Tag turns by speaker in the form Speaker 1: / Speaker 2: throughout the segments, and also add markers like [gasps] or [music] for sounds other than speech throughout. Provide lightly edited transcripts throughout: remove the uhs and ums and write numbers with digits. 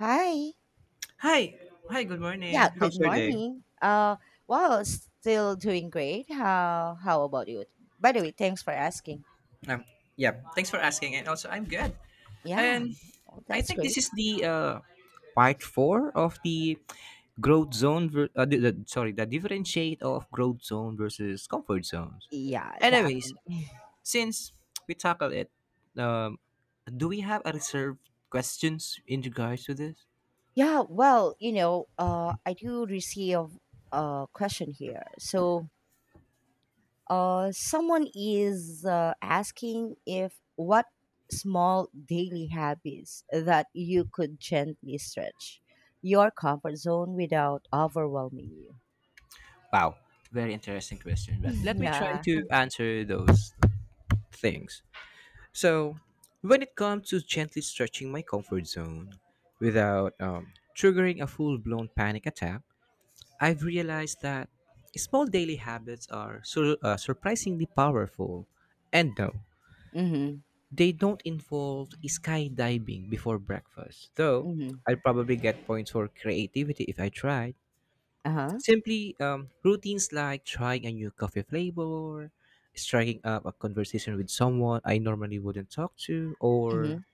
Speaker 1: Hi.
Speaker 2: Hi. Hi, good
Speaker 1: Yeah,
Speaker 2: morning.
Speaker 1: good
Speaker 2: How's your day?
Speaker 1: morning. Well, still doing great. How about you? By the way, thanks for asking.
Speaker 2: Um, yeah, thanks for asking. And also, I'm good.
Speaker 1: Yeah.
Speaker 2: And
Speaker 1: Oh,
Speaker 2: I
Speaker 1: that's
Speaker 2: think this
Speaker 1: great.
Speaker 2: is the part four of the growth zone, the differentiate of growth zone versus comfort zones.
Speaker 1: Yeah,
Speaker 2: Anyways,
Speaker 1: definitely.
Speaker 2: since we tackle it, um, do we have a reserved questions in regards to this?
Speaker 1: Yeah, I do receive a question here. So, someone is asking if what small daily habits that you could gently stretch your comfort zone without overwhelming you.
Speaker 2: Wow, very interesting question. But
Speaker 1: [laughs]
Speaker 2: let me try
Speaker 1: Yeah.
Speaker 2: to answer those things. So, when it comes to gently stretching my comfort zone without triggering a full blown panic attack, I've realized that small daily habits are surprisingly powerful. And no,
Speaker 1: Mm-hmm.
Speaker 2: they don't involve skydiving before breakfast, though
Speaker 1: Mhm.
Speaker 2: I'd probably get points for creativity if I tried.
Speaker 1: Uh-huh.
Speaker 2: Simply routines like trying a new coffee flavor, striking up a conversation with someone I normally wouldn't talk to, or
Speaker 1: Mhm.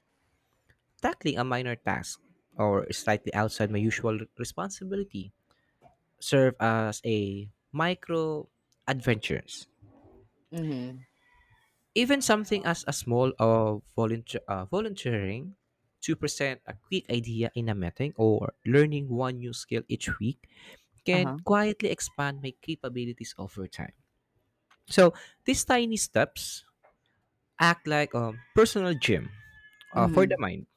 Speaker 2: tackling a minor task or slightly outside my usual responsibility serve as a micro adventures.
Speaker 1: Mhm.
Speaker 2: Even something as a small of volunteering to present a quick idea in a meeting or learning one new skill each week can
Speaker 1: Uh-huh.
Speaker 2: quietly expand my capabilities over time. So these tiny steps act like a personal gym, for the
Speaker 1: Mhm.
Speaker 2: mind.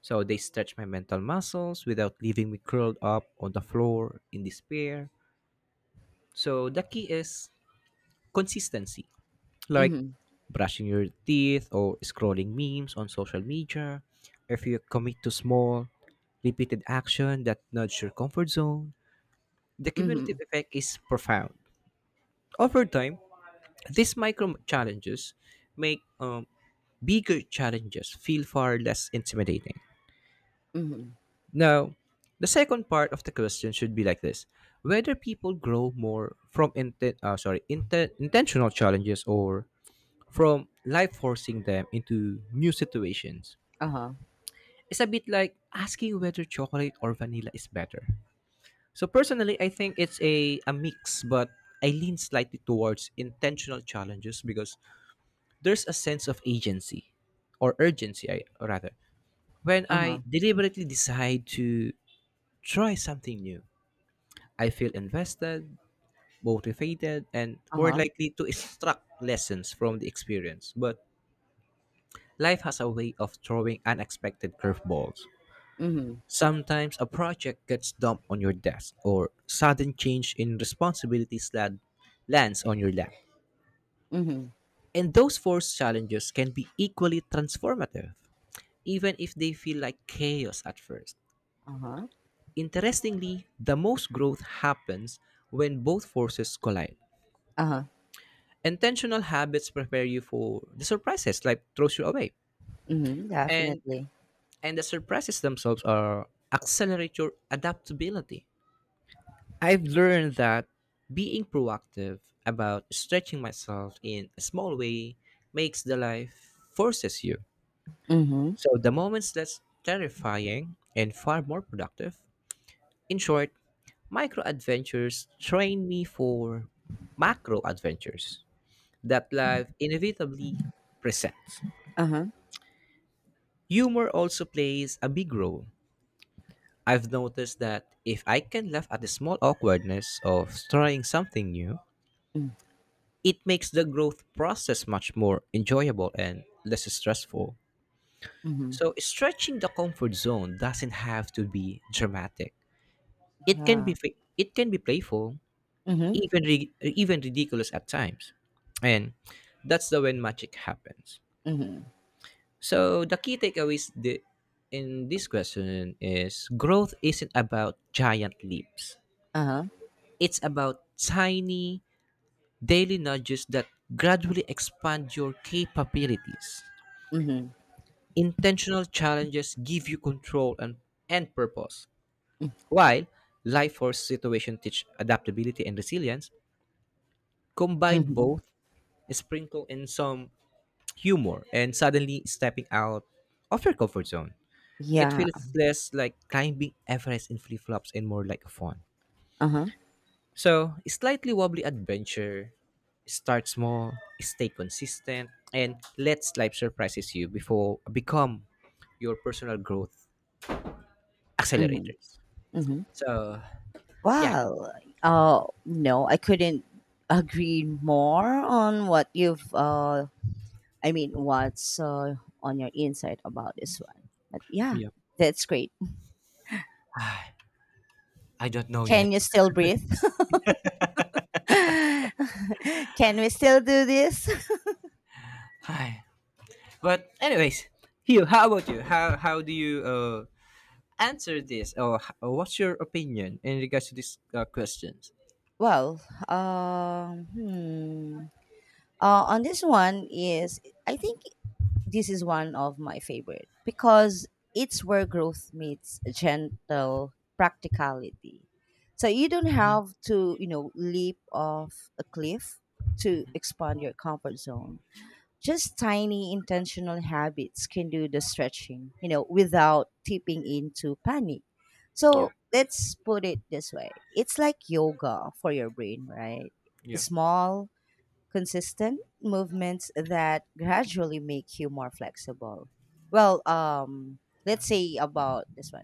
Speaker 2: So they stretch my mental muscles without leaving me curled up on the floor in despair. So the key is consistency, like
Speaker 1: Mhm.
Speaker 2: brushing your teeth or scrolling memes on social media. If you commit to small, repeated action that nudge your comfort zone, the cumulative
Speaker 1: Mhm.
Speaker 2: effect is profound. Over time, these micro challenges make bigger challenges feel far less intimidating.
Speaker 1: Mhm.
Speaker 2: Now, the second part of the question should be like this: whether people grow more from intentional challenges or from life forcing them into new situations.
Speaker 1: Uh-huh.
Speaker 2: It's a bit like asking whether chocolate or vanilla is better. So personally, I think it's a mix, but I lean slightly towards intentional challenges because there's a sense of agency or urgency, I rather, when I
Speaker 1: Uh-huh.
Speaker 2: deliberately decide to try something new. I feel invested, motivated, and more
Speaker 1: Uh-huh.
Speaker 2: likely to extract lessons from the experience. But life has a way of throwing unexpected curveballs.
Speaker 1: Mhm.
Speaker 2: Sometimes a project gets dumped on your desk, or sudden change in responsibilities that lands on your lap.
Speaker 1: Mhm.
Speaker 2: And those forced challenges can be equally transformative, even if they feel like chaos at first.
Speaker 1: Uh-huh.
Speaker 2: Interestingly, the most growth happens when both forces collide.
Speaker 1: Uh-huh.
Speaker 2: Intentional habits prepare you for the surprises like throws you away,
Speaker 1: Mhm.
Speaker 2: and
Speaker 1: Definitely.
Speaker 2: and the surprises themselves are accelerate your adaptability. I've learned that being proactive about stretching myself in a small way makes the life forces you.
Speaker 1: Mhm.
Speaker 2: So the moments that's terrifying and far more productive. In short, micro adventures train me for macro adventures that life inevitably presents.
Speaker 1: Uh-huh.
Speaker 2: Humor also plays a big role. I've noticed that if I can laugh at the small awkwardness of trying something new,
Speaker 1: Mm.
Speaker 2: it makes the growth process much more enjoyable and less stressful.
Speaker 1: Mhm.
Speaker 2: So stretching the comfort zone doesn't have to be dramatic. It can be
Speaker 1: Yeah.
Speaker 2: playful,
Speaker 1: Mhm.
Speaker 2: even ridiculous at times. And that's the when magic happens.
Speaker 1: Mhm.
Speaker 2: So the key takeaways in this question is growth isn't about giant leaps.
Speaker 1: Uh-huh.
Speaker 2: It's about tiny daily nudges that gradually expand your capabilities.
Speaker 1: Mhm.
Speaker 2: Intentional challenges give you control and purpose. While life force situation teach adaptability and resilience, combine
Speaker 1: Mhm.
Speaker 2: both, sprinkle in some humor and suddenly stepping out of your comfort zone. It
Speaker 1: Yeah.
Speaker 2: feels less like climbing Everest in flip flops and more like fun.
Speaker 1: Uh-huh.
Speaker 2: So, slightly wobbly adventure. Start small, stay consistent, and let life surprises you before become your personal growth
Speaker 1: Mhm.
Speaker 2: accelerators.
Speaker 1: Mhm.
Speaker 2: So, yeah.
Speaker 1: Wow. No, I couldn't agree more on what you've, I mean, what's on your insight about this one? But yeah,
Speaker 2: Yeah.
Speaker 1: that's great.
Speaker 2: [sighs] Ah, I don't know yet.
Speaker 1: Can you still breathe? [laughs] Can we still do this? [laughs]
Speaker 2: [sighs] Hi. But anyways, Hugh, how about you? How do you answer this or what's your opinion in regards to these questions?
Speaker 1: Well, um, hmm. On this one is I think this is one of my favorite because it's where growth meets gentle practicality. So you don't have to, you know, leap off a cliff to expand your comfort zone. Just tiny intentional habits can do the stretching, you know, without tipping into panic.
Speaker 2: Yeah.
Speaker 1: So let's put it this way, it's like yoga for your brain, right?
Speaker 2: Yeah.
Speaker 1: Small, consistent movements that gradually make you more flexible. Well, let's say about this one,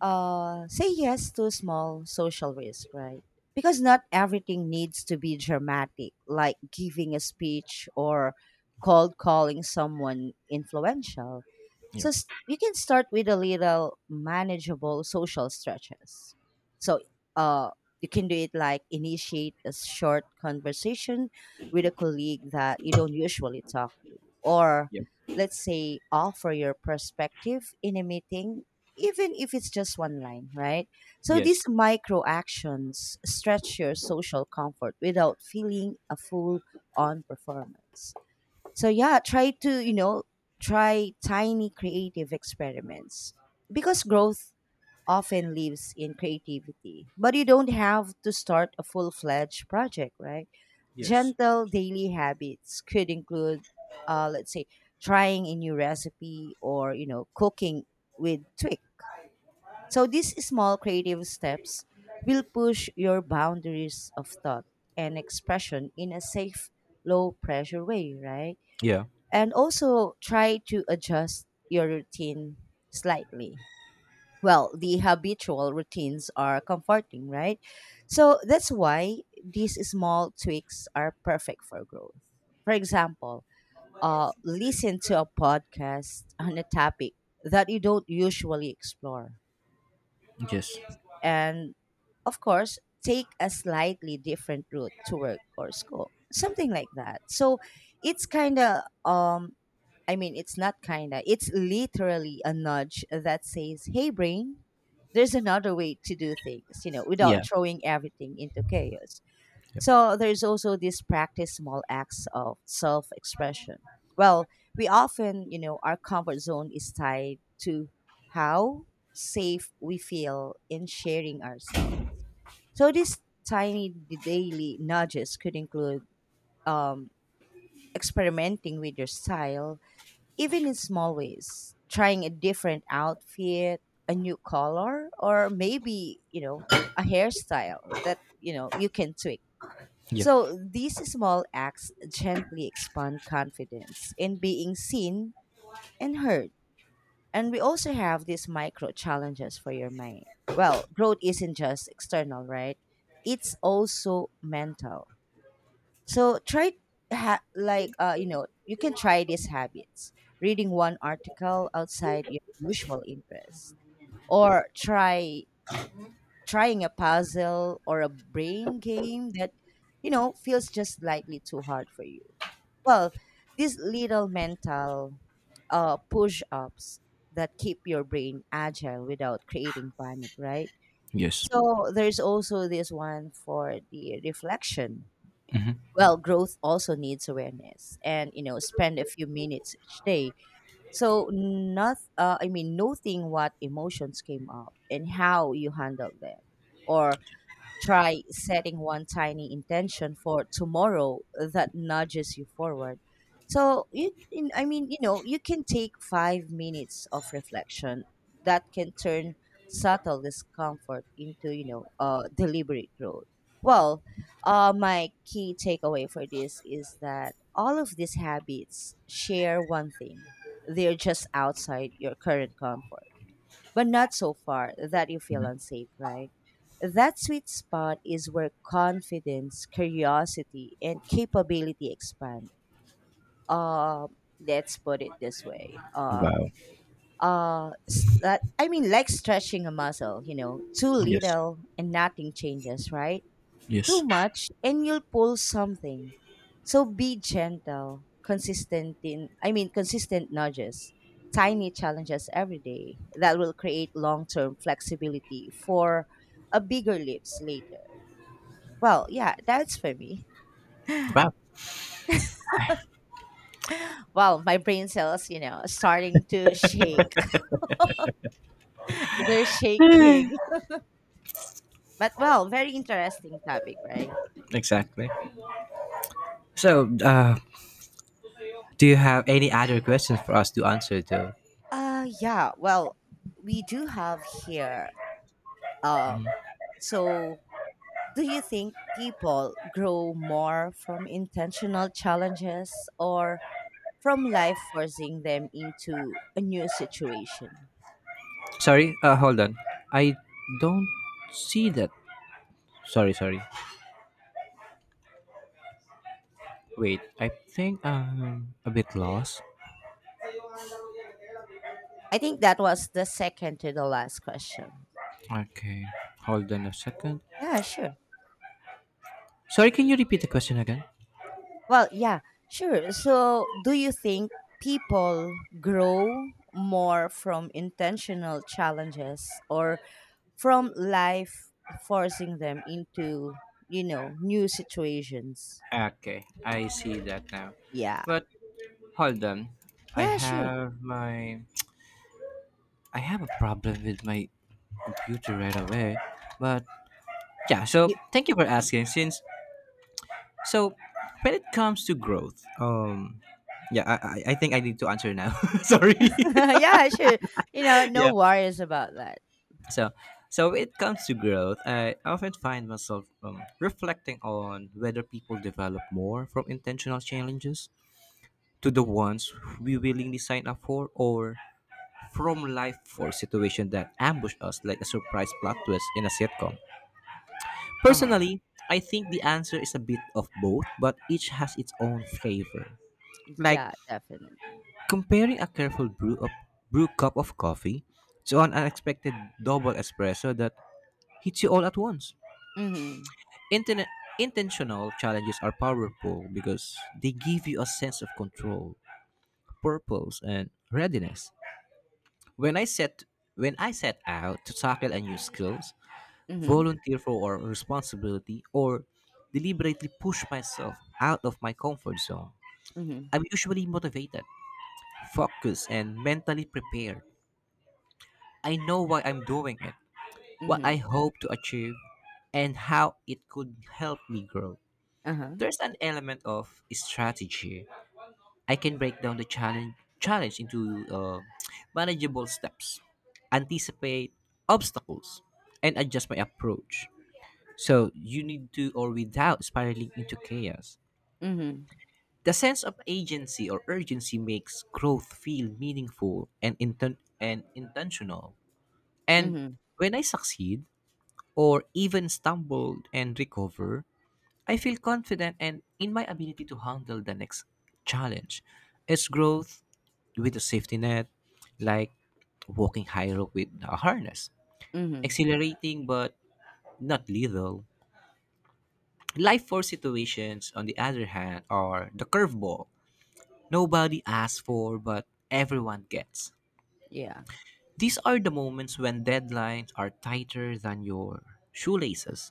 Speaker 1: say yes to small social risk, right? Because not everything needs to be dramatic, like giving a speech or cold calling someone influential.
Speaker 2: Yeah.
Speaker 1: So you can start with a little manageable social stretches. So uh, you can do it like initiate a short conversation with a colleague that you don't usually talk to, or
Speaker 2: Yeah.
Speaker 1: let's say offer your perspective in a meeting, even if it's just one line, right? So
Speaker 2: Yes.
Speaker 1: these micro actions stretch your social comfort without feeling a full on performance. So yeah, try to, you know, try tiny creative experiments because growth often lives in creativity. But you don't have to start a full-fledged project, right?
Speaker 2: Yes.
Speaker 1: Gentle daily habits could include, let's say, trying a new recipe or, you know, cooking with Twix. So these small creative steps will push your boundaries of thought and expression in a safe, low pressure way, right?
Speaker 2: Yeah.
Speaker 1: And also try to adjust your routine slightly. Well, the habitual routines are comforting, right? So that's why these small tweaks are perfect for growth. For example, listen to a podcast on a topic that you don't usually explore,
Speaker 2: Yes.
Speaker 1: and of course, take a slightly different route to work or school, something like that. So it's kind of, I mean, it's not kind of, it's literally a nudge that says, hey, brain, there's another way to do things, you know, without
Speaker 2: Yeah.
Speaker 1: throwing everything into chaos.
Speaker 2: Yeah.
Speaker 1: So there's also this practice small acts of self expression. Well, we often, you know, our comfort zone is tied to how safe we feel in sharing ourselves. So these tiny daily nudges could include, um, experimenting with your style, even in small ways, trying a different outfit, a new color, or maybe, you know, a hairstyle that, you know, you can tweak.
Speaker 2: Yeah.
Speaker 1: So these small acts gently expand confidence in being seen and heard. And we also have these micro challenges for your mind. Well, growth isn't just external, right? It's also mental. So try, you know, you can try these habits: reading one article outside your usual interest, or trying a puzzle or a brain game that, you know, feels just slightly too hard for you. Well, these little mental push-ups that keep your brain agile without creating panic, right?
Speaker 2: Yes.
Speaker 1: So there's also this one for the reflection.
Speaker 2: Hmm.
Speaker 1: Well, growth also needs awareness, and, you know, spend a few minutes each day. So, not, I mean, noting what emotions came up and how you handled them, or try setting one tiny intention for tomorrow that nudges you forward. So I mean, you know, you can take 5 minutes of reflection that can turn subtle discomfort into, you know, deliberate growth. Well, my key takeaway for this is that all of these habits share one thing: they're just outside your current comfort but not so far that you feel unsafe, right? That sweet spot is where confidence, curiosity, and capability expand. Let's put it this way.
Speaker 2: Wow.
Speaker 1: I mean, like stretching a muscle, you know, too
Speaker 2: Yes.
Speaker 1: little and nothing changes, right? Too
Speaker 2: Yes.
Speaker 1: much and you'll pull something. So be gentle, consistent in, I mean, consistent nudges, tiny challenges every day that will create long-term flexibility for a bigger leaps later. Well, yeah, that's for me.
Speaker 2: Wow.
Speaker 1: Well, my brain cells, you know, starting to shake. [laughs] They're shaking. But well, very interesting topic, right?
Speaker 2: Exactly. So, do you have any other questions for us to answer? Though,
Speaker 1: Yeah, well, we do have here, um so do you think people grow more from intentional challenges or from life forcing them into a new situation?
Speaker 2: sorry. Hold on. I don't see that. Sorry. Sorry. Wait. I think I'm a bit lost.
Speaker 1: I think that was the second to the last question.
Speaker 2: Okay. Hold on a second.
Speaker 1: Yeah, sure.
Speaker 2: Sorry. Can you repeat the question again?
Speaker 1: Well, yeah, sure. So, do you think people grow more from intentional challenges or from life forcing them into, you know, new situations?
Speaker 2: Okay. I see that now.
Speaker 1: Yeah.
Speaker 2: But hold on. I
Speaker 1: Yeah, sure.
Speaker 2: have my I have a problem with my computer right away. But yeah, so
Speaker 1: You-
Speaker 2: thank you for asking. Since so when it comes to growth, yeah, I think I need to answer now. [laughs] Sorry.
Speaker 1: [laughs] yeah, sure. You know,
Speaker 2: [laughs] Yeah.
Speaker 1: no worries about that.
Speaker 2: So so when it comes to growth, I often find myself reflecting on whether people develop more from intentional challenges to the ones we willingly sign up for or from life force situation that ambush us like a surprise plot twist in a sitcom?
Speaker 1: Uh huh.
Speaker 2: Personally, I think the answer is a bit of both, but each has its own flavor. Like
Speaker 1: Yeah, definitely.
Speaker 2: comparing a careful brew cup of coffee to an unexpected double espresso that hits you all at once.
Speaker 1: Mm
Speaker 2: Internet Intentional challenges are powerful because they give you a sense of control, purpose, and readiness. When I set when I set out to tackle a new skills,
Speaker 1: hmm. Mm hmm.
Speaker 2: volunteer for a responsibility, or deliberately push myself out of my comfort zone.
Speaker 1: Mm hmm.
Speaker 2: I'm usually motivated, focused, and mentally prepared. I know why I'm doing it,
Speaker 1: Mm
Speaker 2: what
Speaker 1: hmm.
Speaker 2: I hope to achieve, and how it could help me grow.
Speaker 1: Uh huh.
Speaker 2: There's an element of strategy. I can break down the challenge into manageable steps, anticipate obstacles, and adjust my approach. So you need to or without spiraling into chaos.
Speaker 1: Mm
Speaker 2: The sense of agency or urgency makes growth feel meaningful and intentional.
Speaker 1: hmm. Mm
Speaker 2: And
Speaker 1: hmm.
Speaker 2: when I succeed or even stumble and recover, I feel confident and in my ability to handle the next challenge. It's growth with a safety net, like walking high rope with a harness,
Speaker 1: Mm hmm.
Speaker 2: accelerating but not lethal. Life force situations, on the other hand, are the curveball nobody asks for but everyone gets.
Speaker 1: Yeah.
Speaker 2: These are the moments when deadlines are tighter than your shoelaces,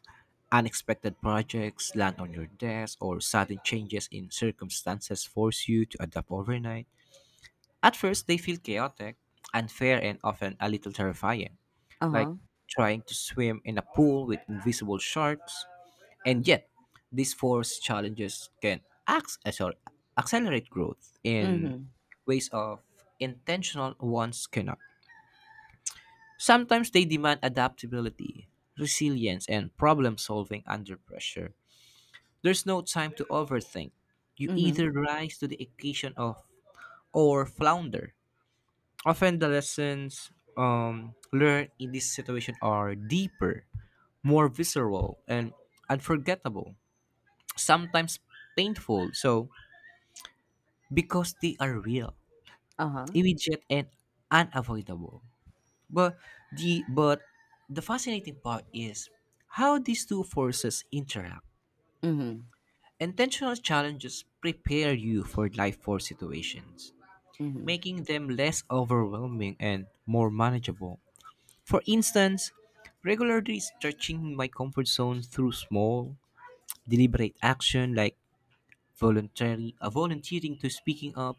Speaker 2: unexpected projects land on your desk, or sudden changes in circumstances force you to adapt overnight. At first, they feel chaotic, unfair, and often a little terrifying,
Speaker 1: Uh
Speaker 2: like
Speaker 1: huh.
Speaker 2: trying to swim in a pool with invisible sharks. And yet, these force challenges can acc- uh, sorry, accelerate growth
Speaker 1: Mm
Speaker 2: in
Speaker 1: hmm.
Speaker 2: ways of intentional ones cannot. Sometimes they demand adaptability, resilience, and problem solving under pressure. There's no time to overthink. You
Speaker 1: Mm hmm.
Speaker 2: either rise to the occasion of or flounder. Often the lessons learned in this situation are deeper, more visceral, and unforgettable, sometimes painful. So because they are real,
Speaker 1: Uh huh.
Speaker 2: immediate, and unavoidable. But but the fascinating part is how these two forces interact.
Speaker 1: Mm hmm.
Speaker 2: Intentional challenges prepare you for life force situations,
Speaker 1: Mm hmm.
Speaker 2: making them less overwhelming and more manageable. For instance, regularly stretching my comfort zone through small, deliberate action like volunteering to speaking up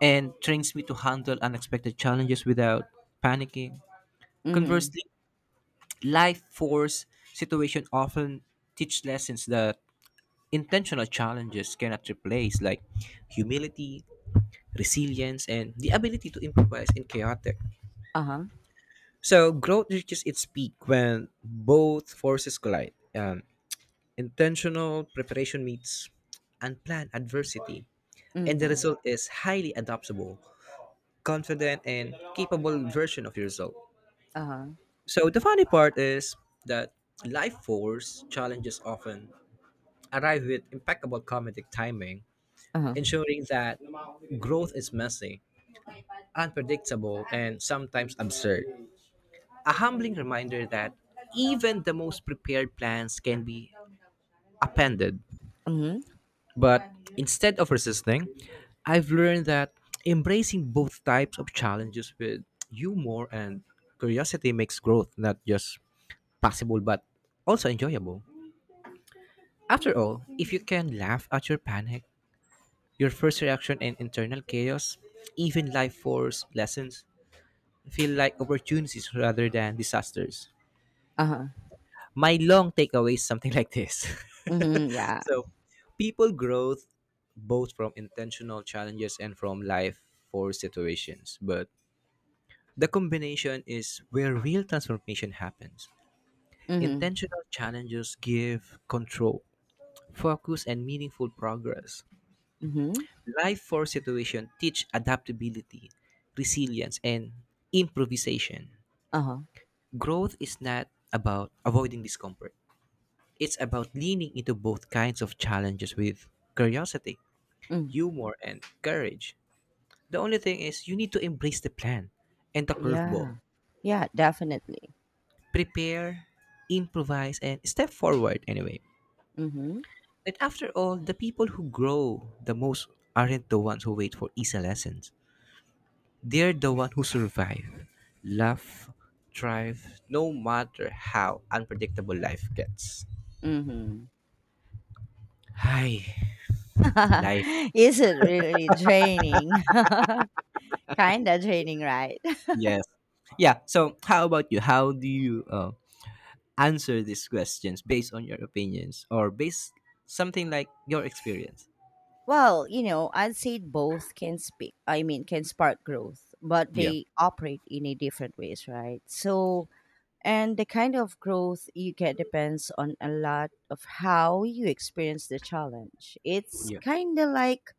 Speaker 2: and trains me to handle unexpected challenges without panicking.
Speaker 1: Mm hmm.
Speaker 2: Conversely, life force situation often teach lessons that intentional challenges cannot replace, like humility, resilience, and the ability to improvise in chaotic.
Speaker 1: Uh huh.
Speaker 2: So growth reaches its peak when both forces collide. Intentional preparation meets unplanned adversity,
Speaker 1: Mm
Speaker 2: and the
Speaker 1: hmm.
Speaker 2: result is highly adaptable, confident, and capable version of yourself.
Speaker 1: Uh huh.
Speaker 2: So the funny part is that life force challenges often arrive with impeccable comedic timing,
Speaker 1: Uh huh.
Speaker 2: ensuring that growth is messy, unpredictable, and sometimes absurd. A humbling reminder that even the most prepared plans can be appended.
Speaker 1: Mm hmm.
Speaker 2: But instead of resisting, I've learned that embracing both types of challenges with humor and curiosity makes growth not just possible but also enjoyable. After all, if you can laugh at your panic, your first reaction and internal chaos, even life force lessons feel like opportunities rather than disasters.
Speaker 1: Uh huh.
Speaker 2: My long takeaway is something like this. [laughs]
Speaker 1: Mm hmm. Yeah.
Speaker 2: So, people growth both from intentional challenges and from life force situations, but the combination is where real transformation happens.
Speaker 1: Mm hmm.
Speaker 2: Intentional challenges give control, focus, and meaningful progress.
Speaker 1: Mm hmm.
Speaker 2: Life force situations teach adaptability, resilience, and improvisation.
Speaker 1: Uh huh.
Speaker 2: Growth is not about avoiding discomfort. It's about leaning into both kinds of challenges with curiosity,
Speaker 1: Mm.
Speaker 2: humor, and courage. The only thing is you need to embrace the plan and the
Speaker 1: Yeah.
Speaker 2: curveball.
Speaker 1: Yeah, definitely.
Speaker 2: Prepare, improvise, and step forward anyway.
Speaker 1: Mm hmm.
Speaker 2: And after all, the people who grow the most aren't the ones who wait for easy lessons. They're the ones who survive, love, thrive, no matter how unpredictable life gets.
Speaker 1: Mm
Speaker 2: Hi,
Speaker 1: hmm.
Speaker 2: life.
Speaker 1: [laughs] Is it really draining? [laughs] Kinda draining, right? [laughs]
Speaker 2: Yes. Yeah. So, how about you? How do you answer these questions based on your opinions or based something like your experience?
Speaker 1: Well, you know, I'd say both can speak, I mean, can spark growth, but
Speaker 2: Yeah.
Speaker 1: they operate in a different ways, right? So, and the kind of growth you get depends on a lot of how you experience the challenge. It's
Speaker 2: Yeah.
Speaker 1: kind of like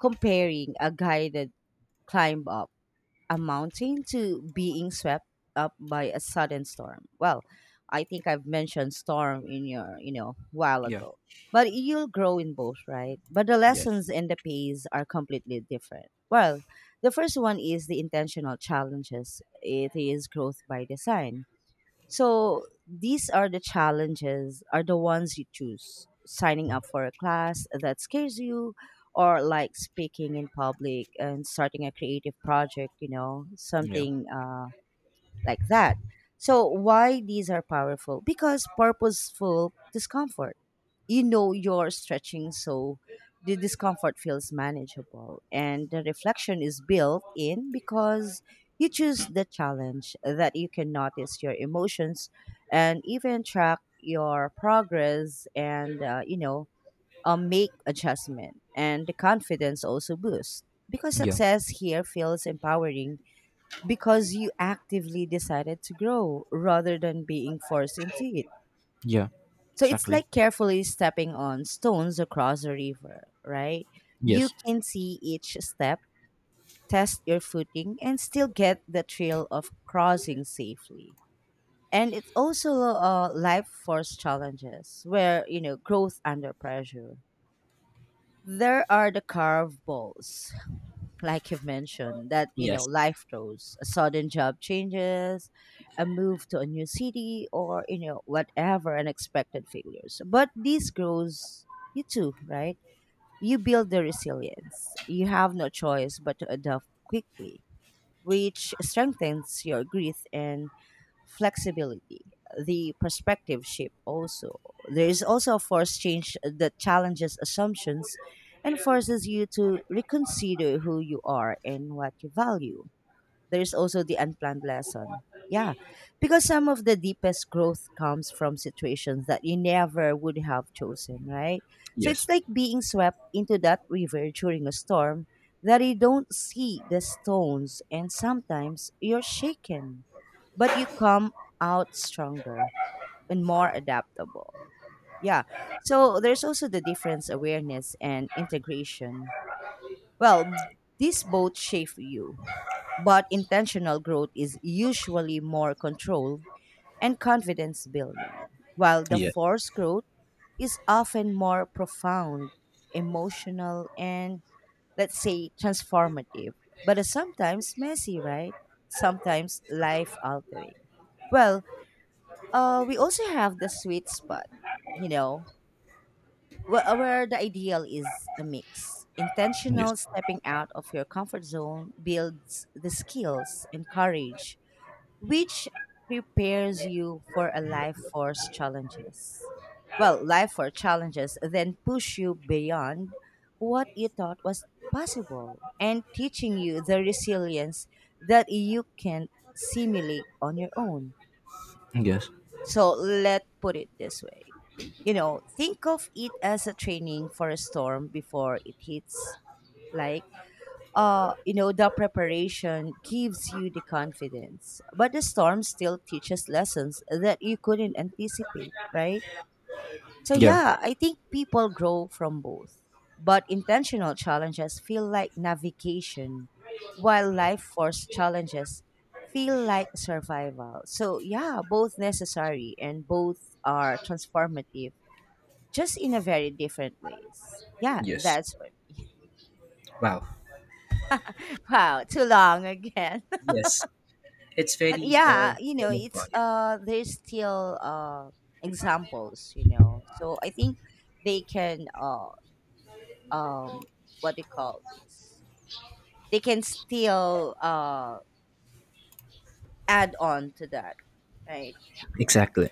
Speaker 1: comparing a guided climb up Amounting to being swept up by a sudden storm. Well, I think I've mentioned storm in your, you know, while
Speaker 2: Yeah.
Speaker 1: ago. But you'll grow in both, right? But the
Speaker 2: Yes.
Speaker 1: lessons and the pace are completely different. Well, the first one is the intentional challenges. It is growth by design, so these are the challenges, are the ones you choose. Signing up for a class that scares you, or like speaking in public and starting a creative project, you know,
Speaker 2: Yeah.
Speaker 1: something like that. So, why these are powerful? Because purposeful discomfort, you know, you're stretching, so the discomfort feels manageable and the reflection is built in because you choose the challenge, that you can notice your emotions and even track your progress and, you know, make adjustment, and the confidence also boosts because
Speaker 2: Yeah.
Speaker 1: success here feels empowering, because you actively decided to grow rather than being forced into it.
Speaker 2: Yeah.
Speaker 1: So it's
Speaker 2: Exactly.
Speaker 1: like carefully stepping on stones across a river, right? You
Speaker 2: Yes.
Speaker 1: can see each step, test your footing, and still get the thrill of crossing safely. And it's also, life force challenges where, you know, growth under pressure, there are the carve balls, like you've mentioned, that, you know,
Speaker 2: Yes.
Speaker 1: life throws a sudden job changes, a move to a new city, or you know whatever unexpected failures. But this grows you too, right? You build the resilience. You have no choice but to adapt quickly, which strengthens your grit and flexibility, the perspective shift also. There is also a force change that challenges assumptions and forces you to reconsider who you are and what you value. There's also the unplanned lesson. Yeah, because some of the deepest growth comes from situations that you never would have chosen, right? So it's
Speaker 2: Yes.
Speaker 1: like being swept into that river during a storm, that you don't see the stones, and sometimes you're shaken, but you come out stronger and more adaptable. Yeah. So there's also the difference awareness and integration. Well, these both shape you, but intentional growth is usually more controlled and confidence building, while the
Speaker 2: Yes.
Speaker 1: forced growth is often more profound, emotional, and let's say transformative, but it's sometimes messy, right? Sometimes life altering. Well, we also have the sweet spot, you know, where the ideal is a mix.
Speaker 2: Yes.
Speaker 1: Intentional stepping out of your comfort zone builds the skills and courage which prepares you for a life force challenges. Well, life force challenges then push you beyond what you thought was possible and teaching you the resilience that you can simulate on your own.
Speaker 2: Yes.
Speaker 1: So let's put it this way. You know, think of it as a training for a storm before it hits, like you know, the preparation gives you the confidence, but the storm still teaches lessons that you couldn't anticipate, right? So,
Speaker 2: Yeah.
Speaker 1: yeah, I think people grow from both, but intentional challenges feel like navigation, while life force challenges feel like survival. So, yeah, both necessary and both are transformative, just in a very different ways. Yeah,
Speaker 2: Yes.
Speaker 1: that's for me. [laughs]
Speaker 2: Wow.
Speaker 1: Wow, too long again.
Speaker 2: Yes. It's
Speaker 1: But
Speaker 2: very
Speaker 1: yeah, you know,
Speaker 2: kind of
Speaker 1: it's there's still examples, you know. So I think they can, uh um what do you call this, they can still add on to that, right?
Speaker 2: Exactly.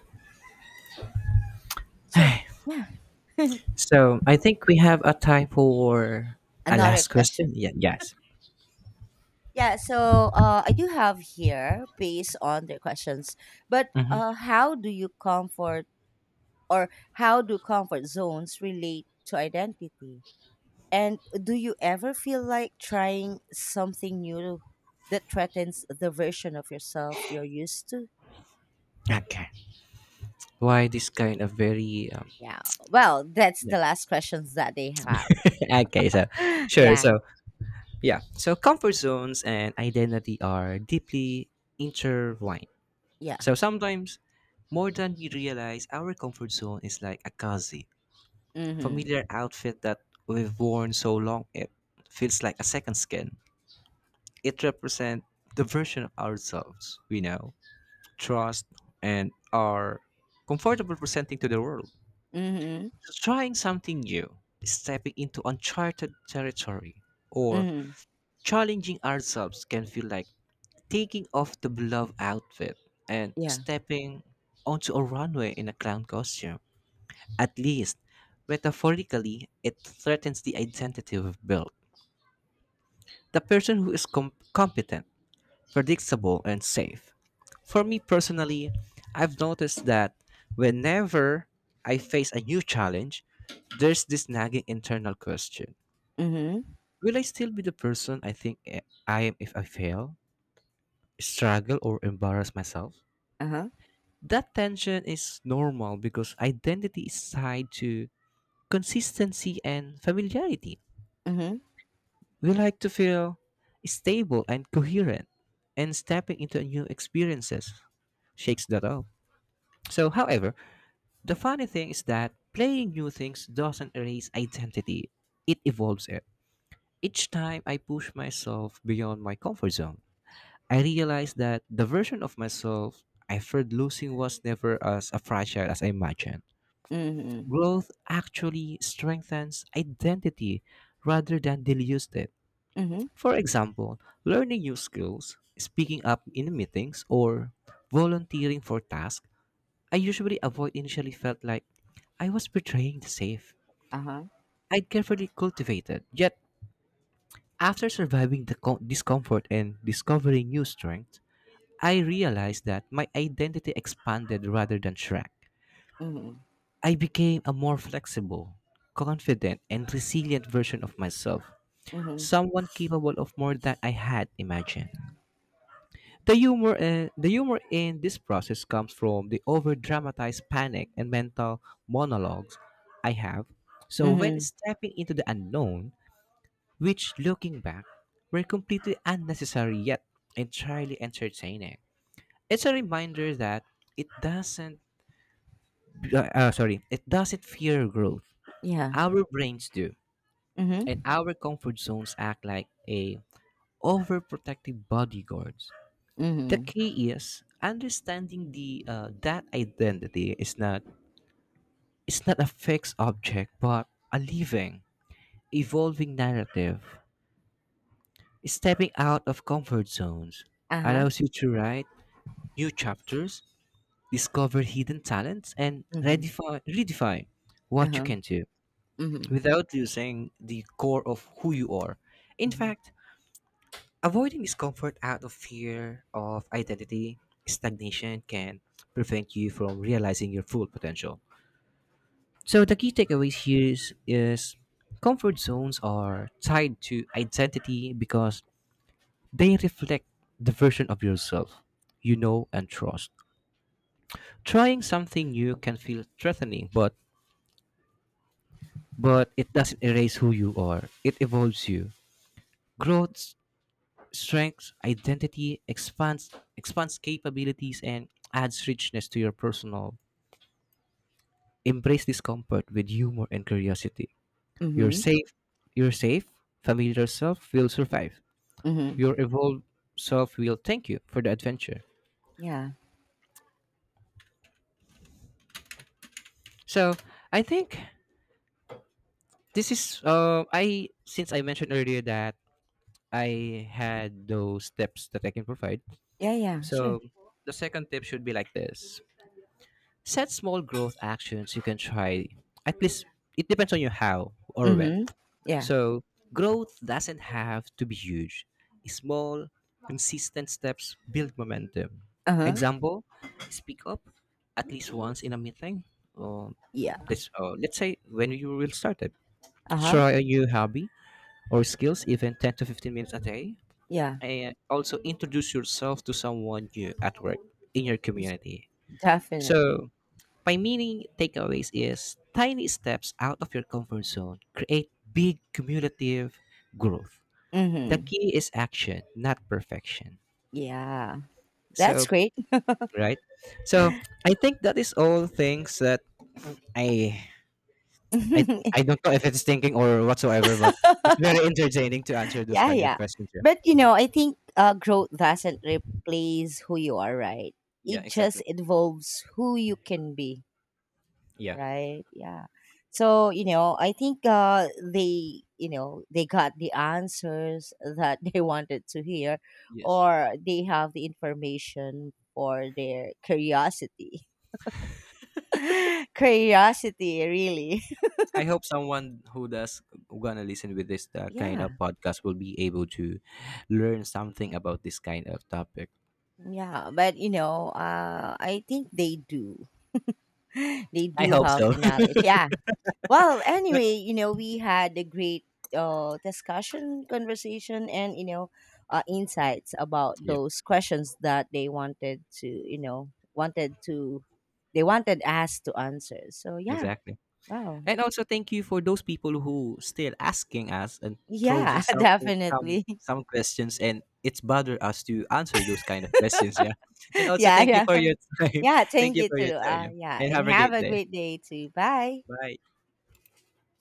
Speaker 1: So
Speaker 2: [sighs]
Speaker 1: yeah, [laughs]
Speaker 2: So I think we have a time for a
Speaker 1: another
Speaker 2: last
Speaker 1: question.
Speaker 2: question. Yeah. Yes.
Speaker 1: Yeah, so I do have here, based on the questions, but
Speaker 2: Hmm.
Speaker 1: how do you comfort, or how do comfort zones relate to identity? And do you ever feel like trying something new that threatens the version of yourself you're used to?
Speaker 2: Okay. Why this kind of very
Speaker 1: Yeah. Well, that's
Speaker 2: yeah.
Speaker 1: the last questions that they have.
Speaker 2: [laughs] Okay? So
Speaker 1: [gasps]
Speaker 2: sure.
Speaker 1: Yeah.
Speaker 2: So yeah. So comfort zones and identity are deeply intertwined.
Speaker 1: Yeah.
Speaker 2: So sometimes, more than we realize, our comfort zone is like a cozy,
Speaker 1: Mm-hmm.
Speaker 2: familiar outfit that we've worn so long it feels like a second skin. It represents the version of ourselves we know, trust, and are comfortable presenting to the world.
Speaker 1: Mm-hmm.
Speaker 2: So trying something new, stepping into uncharted territory, or
Speaker 1: Mm-hmm.
Speaker 2: challenging ourselves can feel like taking off the beloved outfit and
Speaker 1: Yeah.
Speaker 2: stepping onto a runway in a clown costume. At least, metaphorically, it threatens the identity we've built. The person who is competent, predictable, and safe. For me personally, I've noticed that whenever I face a new challenge, there's this nagging internal question.
Speaker 1: Mm-hmm.
Speaker 2: Will I still be the person I think I am if I fail, struggle, or embarrass myself?
Speaker 1: Uh-huh.
Speaker 2: That tension is normal because identity is tied to consistency and familiarity.
Speaker 1: Mm-hmm.
Speaker 2: We like to feel stable and coherent, and stepping into new experiences shakes that up. So, however, the funny thing is that playing new things doesn't erase identity, it evolves it. Each time I push myself beyond my comfort zone, I realize that the version of myself I feared losing was never as fragile as I imagined.
Speaker 1: Mm-hmm.
Speaker 2: Growth actually strengthens identity rather than dilutes it.
Speaker 1: Mm-hmm.
Speaker 2: For example, learning new skills, speaking up in meetings, or volunteering for tasks I usually avoid initially felt like I was betraying the safe.
Speaker 1: Uh-huh.
Speaker 2: I'd carefully cultivated. Yet, after surviving the discomfort and discovering new strength, I realized that my identity expanded rather than shrank.
Speaker 1: Mm-hmm.
Speaker 2: I became a more flexible, confident, and resilient version of myself,
Speaker 1: Mm-hmm.
Speaker 2: someone capable of more than I had imagined. The humor, the humor in this process comes from the over-dramatized panic and mental monologues I have. So when
Speaker 1: Mm-hmm.
Speaker 2: stepping into the unknown, which, looking back, were completely unnecessary yet entirely entertaining. It's a reminder that it doesn't, it doesn't fear growth.
Speaker 1: Yeah.
Speaker 2: Our brains do,
Speaker 1: Mm-hmm.
Speaker 2: and our comfort zones act like a overprotective bodyguards. The
Speaker 1: Mm-hmm.
Speaker 2: key is understanding the that identity is not a fixed object, but a living, evolving narrative. Stepping out of comfort zones
Speaker 1: Uh-huh.
Speaker 2: allows you to write new chapters, discover hidden talents, and
Speaker 1: Mm-hmm.
Speaker 2: redefine what you
Speaker 1: Uh-huh.
Speaker 2: can do
Speaker 1: Mm-hmm.
Speaker 2: without losing the core of who you are. In
Speaker 1: Mm-hmm.
Speaker 2: fact, avoiding discomfort out of fear of identity stagnation can prevent you from realizing your full potential. So the key takeaways here is comfort zones are tied to identity because they reflect the version of yourself you know and trust. Trying something new can feel threatening, but it doesn't erase who you are. It evolves you. Growth, strength, identity expands capabilities and adds richness to your personal. Embrace discomfort with humor and curiosity. Your
Speaker 1: Mm-hmm.
Speaker 2: safe, your safe, familiar self will survive.
Speaker 1: Mm-hmm.
Speaker 2: Your evolved self will thank you for the adventure.
Speaker 1: Yeah.
Speaker 2: So I think this is I since I mentioned earlier that I had those tips that I can provide.
Speaker 1: Yeah, yeah, sure.
Speaker 2: So the second tip should be like this. Set small growth actions you can try. At least it depends on you how or when.
Speaker 1: Mm-hmm. Yeah.
Speaker 2: So growth doesn't have to be huge. Small, consistent steps build momentum.
Speaker 1: Uh-huh.
Speaker 2: Example, speak up at least once in a meeting or
Speaker 1: Yeah.
Speaker 2: this, or let's say when you will start it.
Speaker 1: Uh huh.
Speaker 2: Try a new hobby or skills even 10 to 15 minutes a day,
Speaker 1: Yeah.
Speaker 2: and also introduce yourself to someone new at work in your community.
Speaker 1: Definitely.
Speaker 2: So, my meaning takeaways is tiny steps out of your comfort zone create big cumulative growth. The
Speaker 1: Mm-hmm.
Speaker 2: key is action, not perfection.
Speaker 1: Yeah. That's
Speaker 2: So,
Speaker 1: great.
Speaker 2: right? So, I think that is all things that I I
Speaker 1: [laughs] Yeah.
Speaker 2: I don't know if it's thinking or whatsoever, but it's very [laughs] entertaining to answer those kind of
Speaker 1: Yeah.
Speaker 2: questions. Yeah.
Speaker 1: But you know, I think growth doesn't replace who you are, right?
Speaker 2: Yeah,
Speaker 1: It just
Speaker 2: exactly.
Speaker 1: involves who you can be,
Speaker 2: Yeah.
Speaker 1: right? Yeah. So you know, I think they, you know, they got the answers that [laughs] they wanted to hear,
Speaker 2: Yes.
Speaker 1: or they have the information for their curiosity. [laughs] Curiosity, really. [laughs]
Speaker 2: I hope someone who does gonna listen with this kind
Speaker 1: Yeah,
Speaker 2: of podcast will be able to learn something about this kind of topic.
Speaker 1: yeah, but you know, I think they do. [gasps] [laughs] They
Speaker 2: I
Speaker 1: do
Speaker 2: hope
Speaker 1: have
Speaker 2: so.
Speaker 1: the knowledge. Yeah. Well,
Speaker 2: [laughs] But
Speaker 1: anyway, you know, we had a great discussion, conversation, and you know, insights about
Speaker 2: yeah,
Speaker 1: those questions that they wanted to, you know, wanted to, they wanted us to answer. So yeah,
Speaker 2: exactly.
Speaker 1: wow,
Speaker 2: And also thank you for those people who still asking us and throwing
Speaker 1: yeah, [laughs]
Speaker 2: something some
Speaker 1: definitely,
Speaker 2: some questions and it's bother us to answer those kind of [laughs] questions. Yeah. And
Speaker 1: [laughs]
Speaker 2: also
Speaker 1: yeah,
Speaker 2: thank you
Speaker 1: yeah.
Speaker 2: for your time.
Speaker 1: Yeah,
Speaker 2: [laughs] Thank
Speaker 1: thank
Speaker 2: you
Speaker 1: you
Speaker 2: for your
Speaker 1: too.
Speaker 2: time. Yeah.
Speaker 1: Yeah,
Speaker 2: And
Speaker 1: and
Speaker 2: have a
Speaker 1: have
Speaker 2: great
Speaker 1: a
Speaker 2: day.
Speaker 1: great day too. Bye.
Speaker 2: Bye.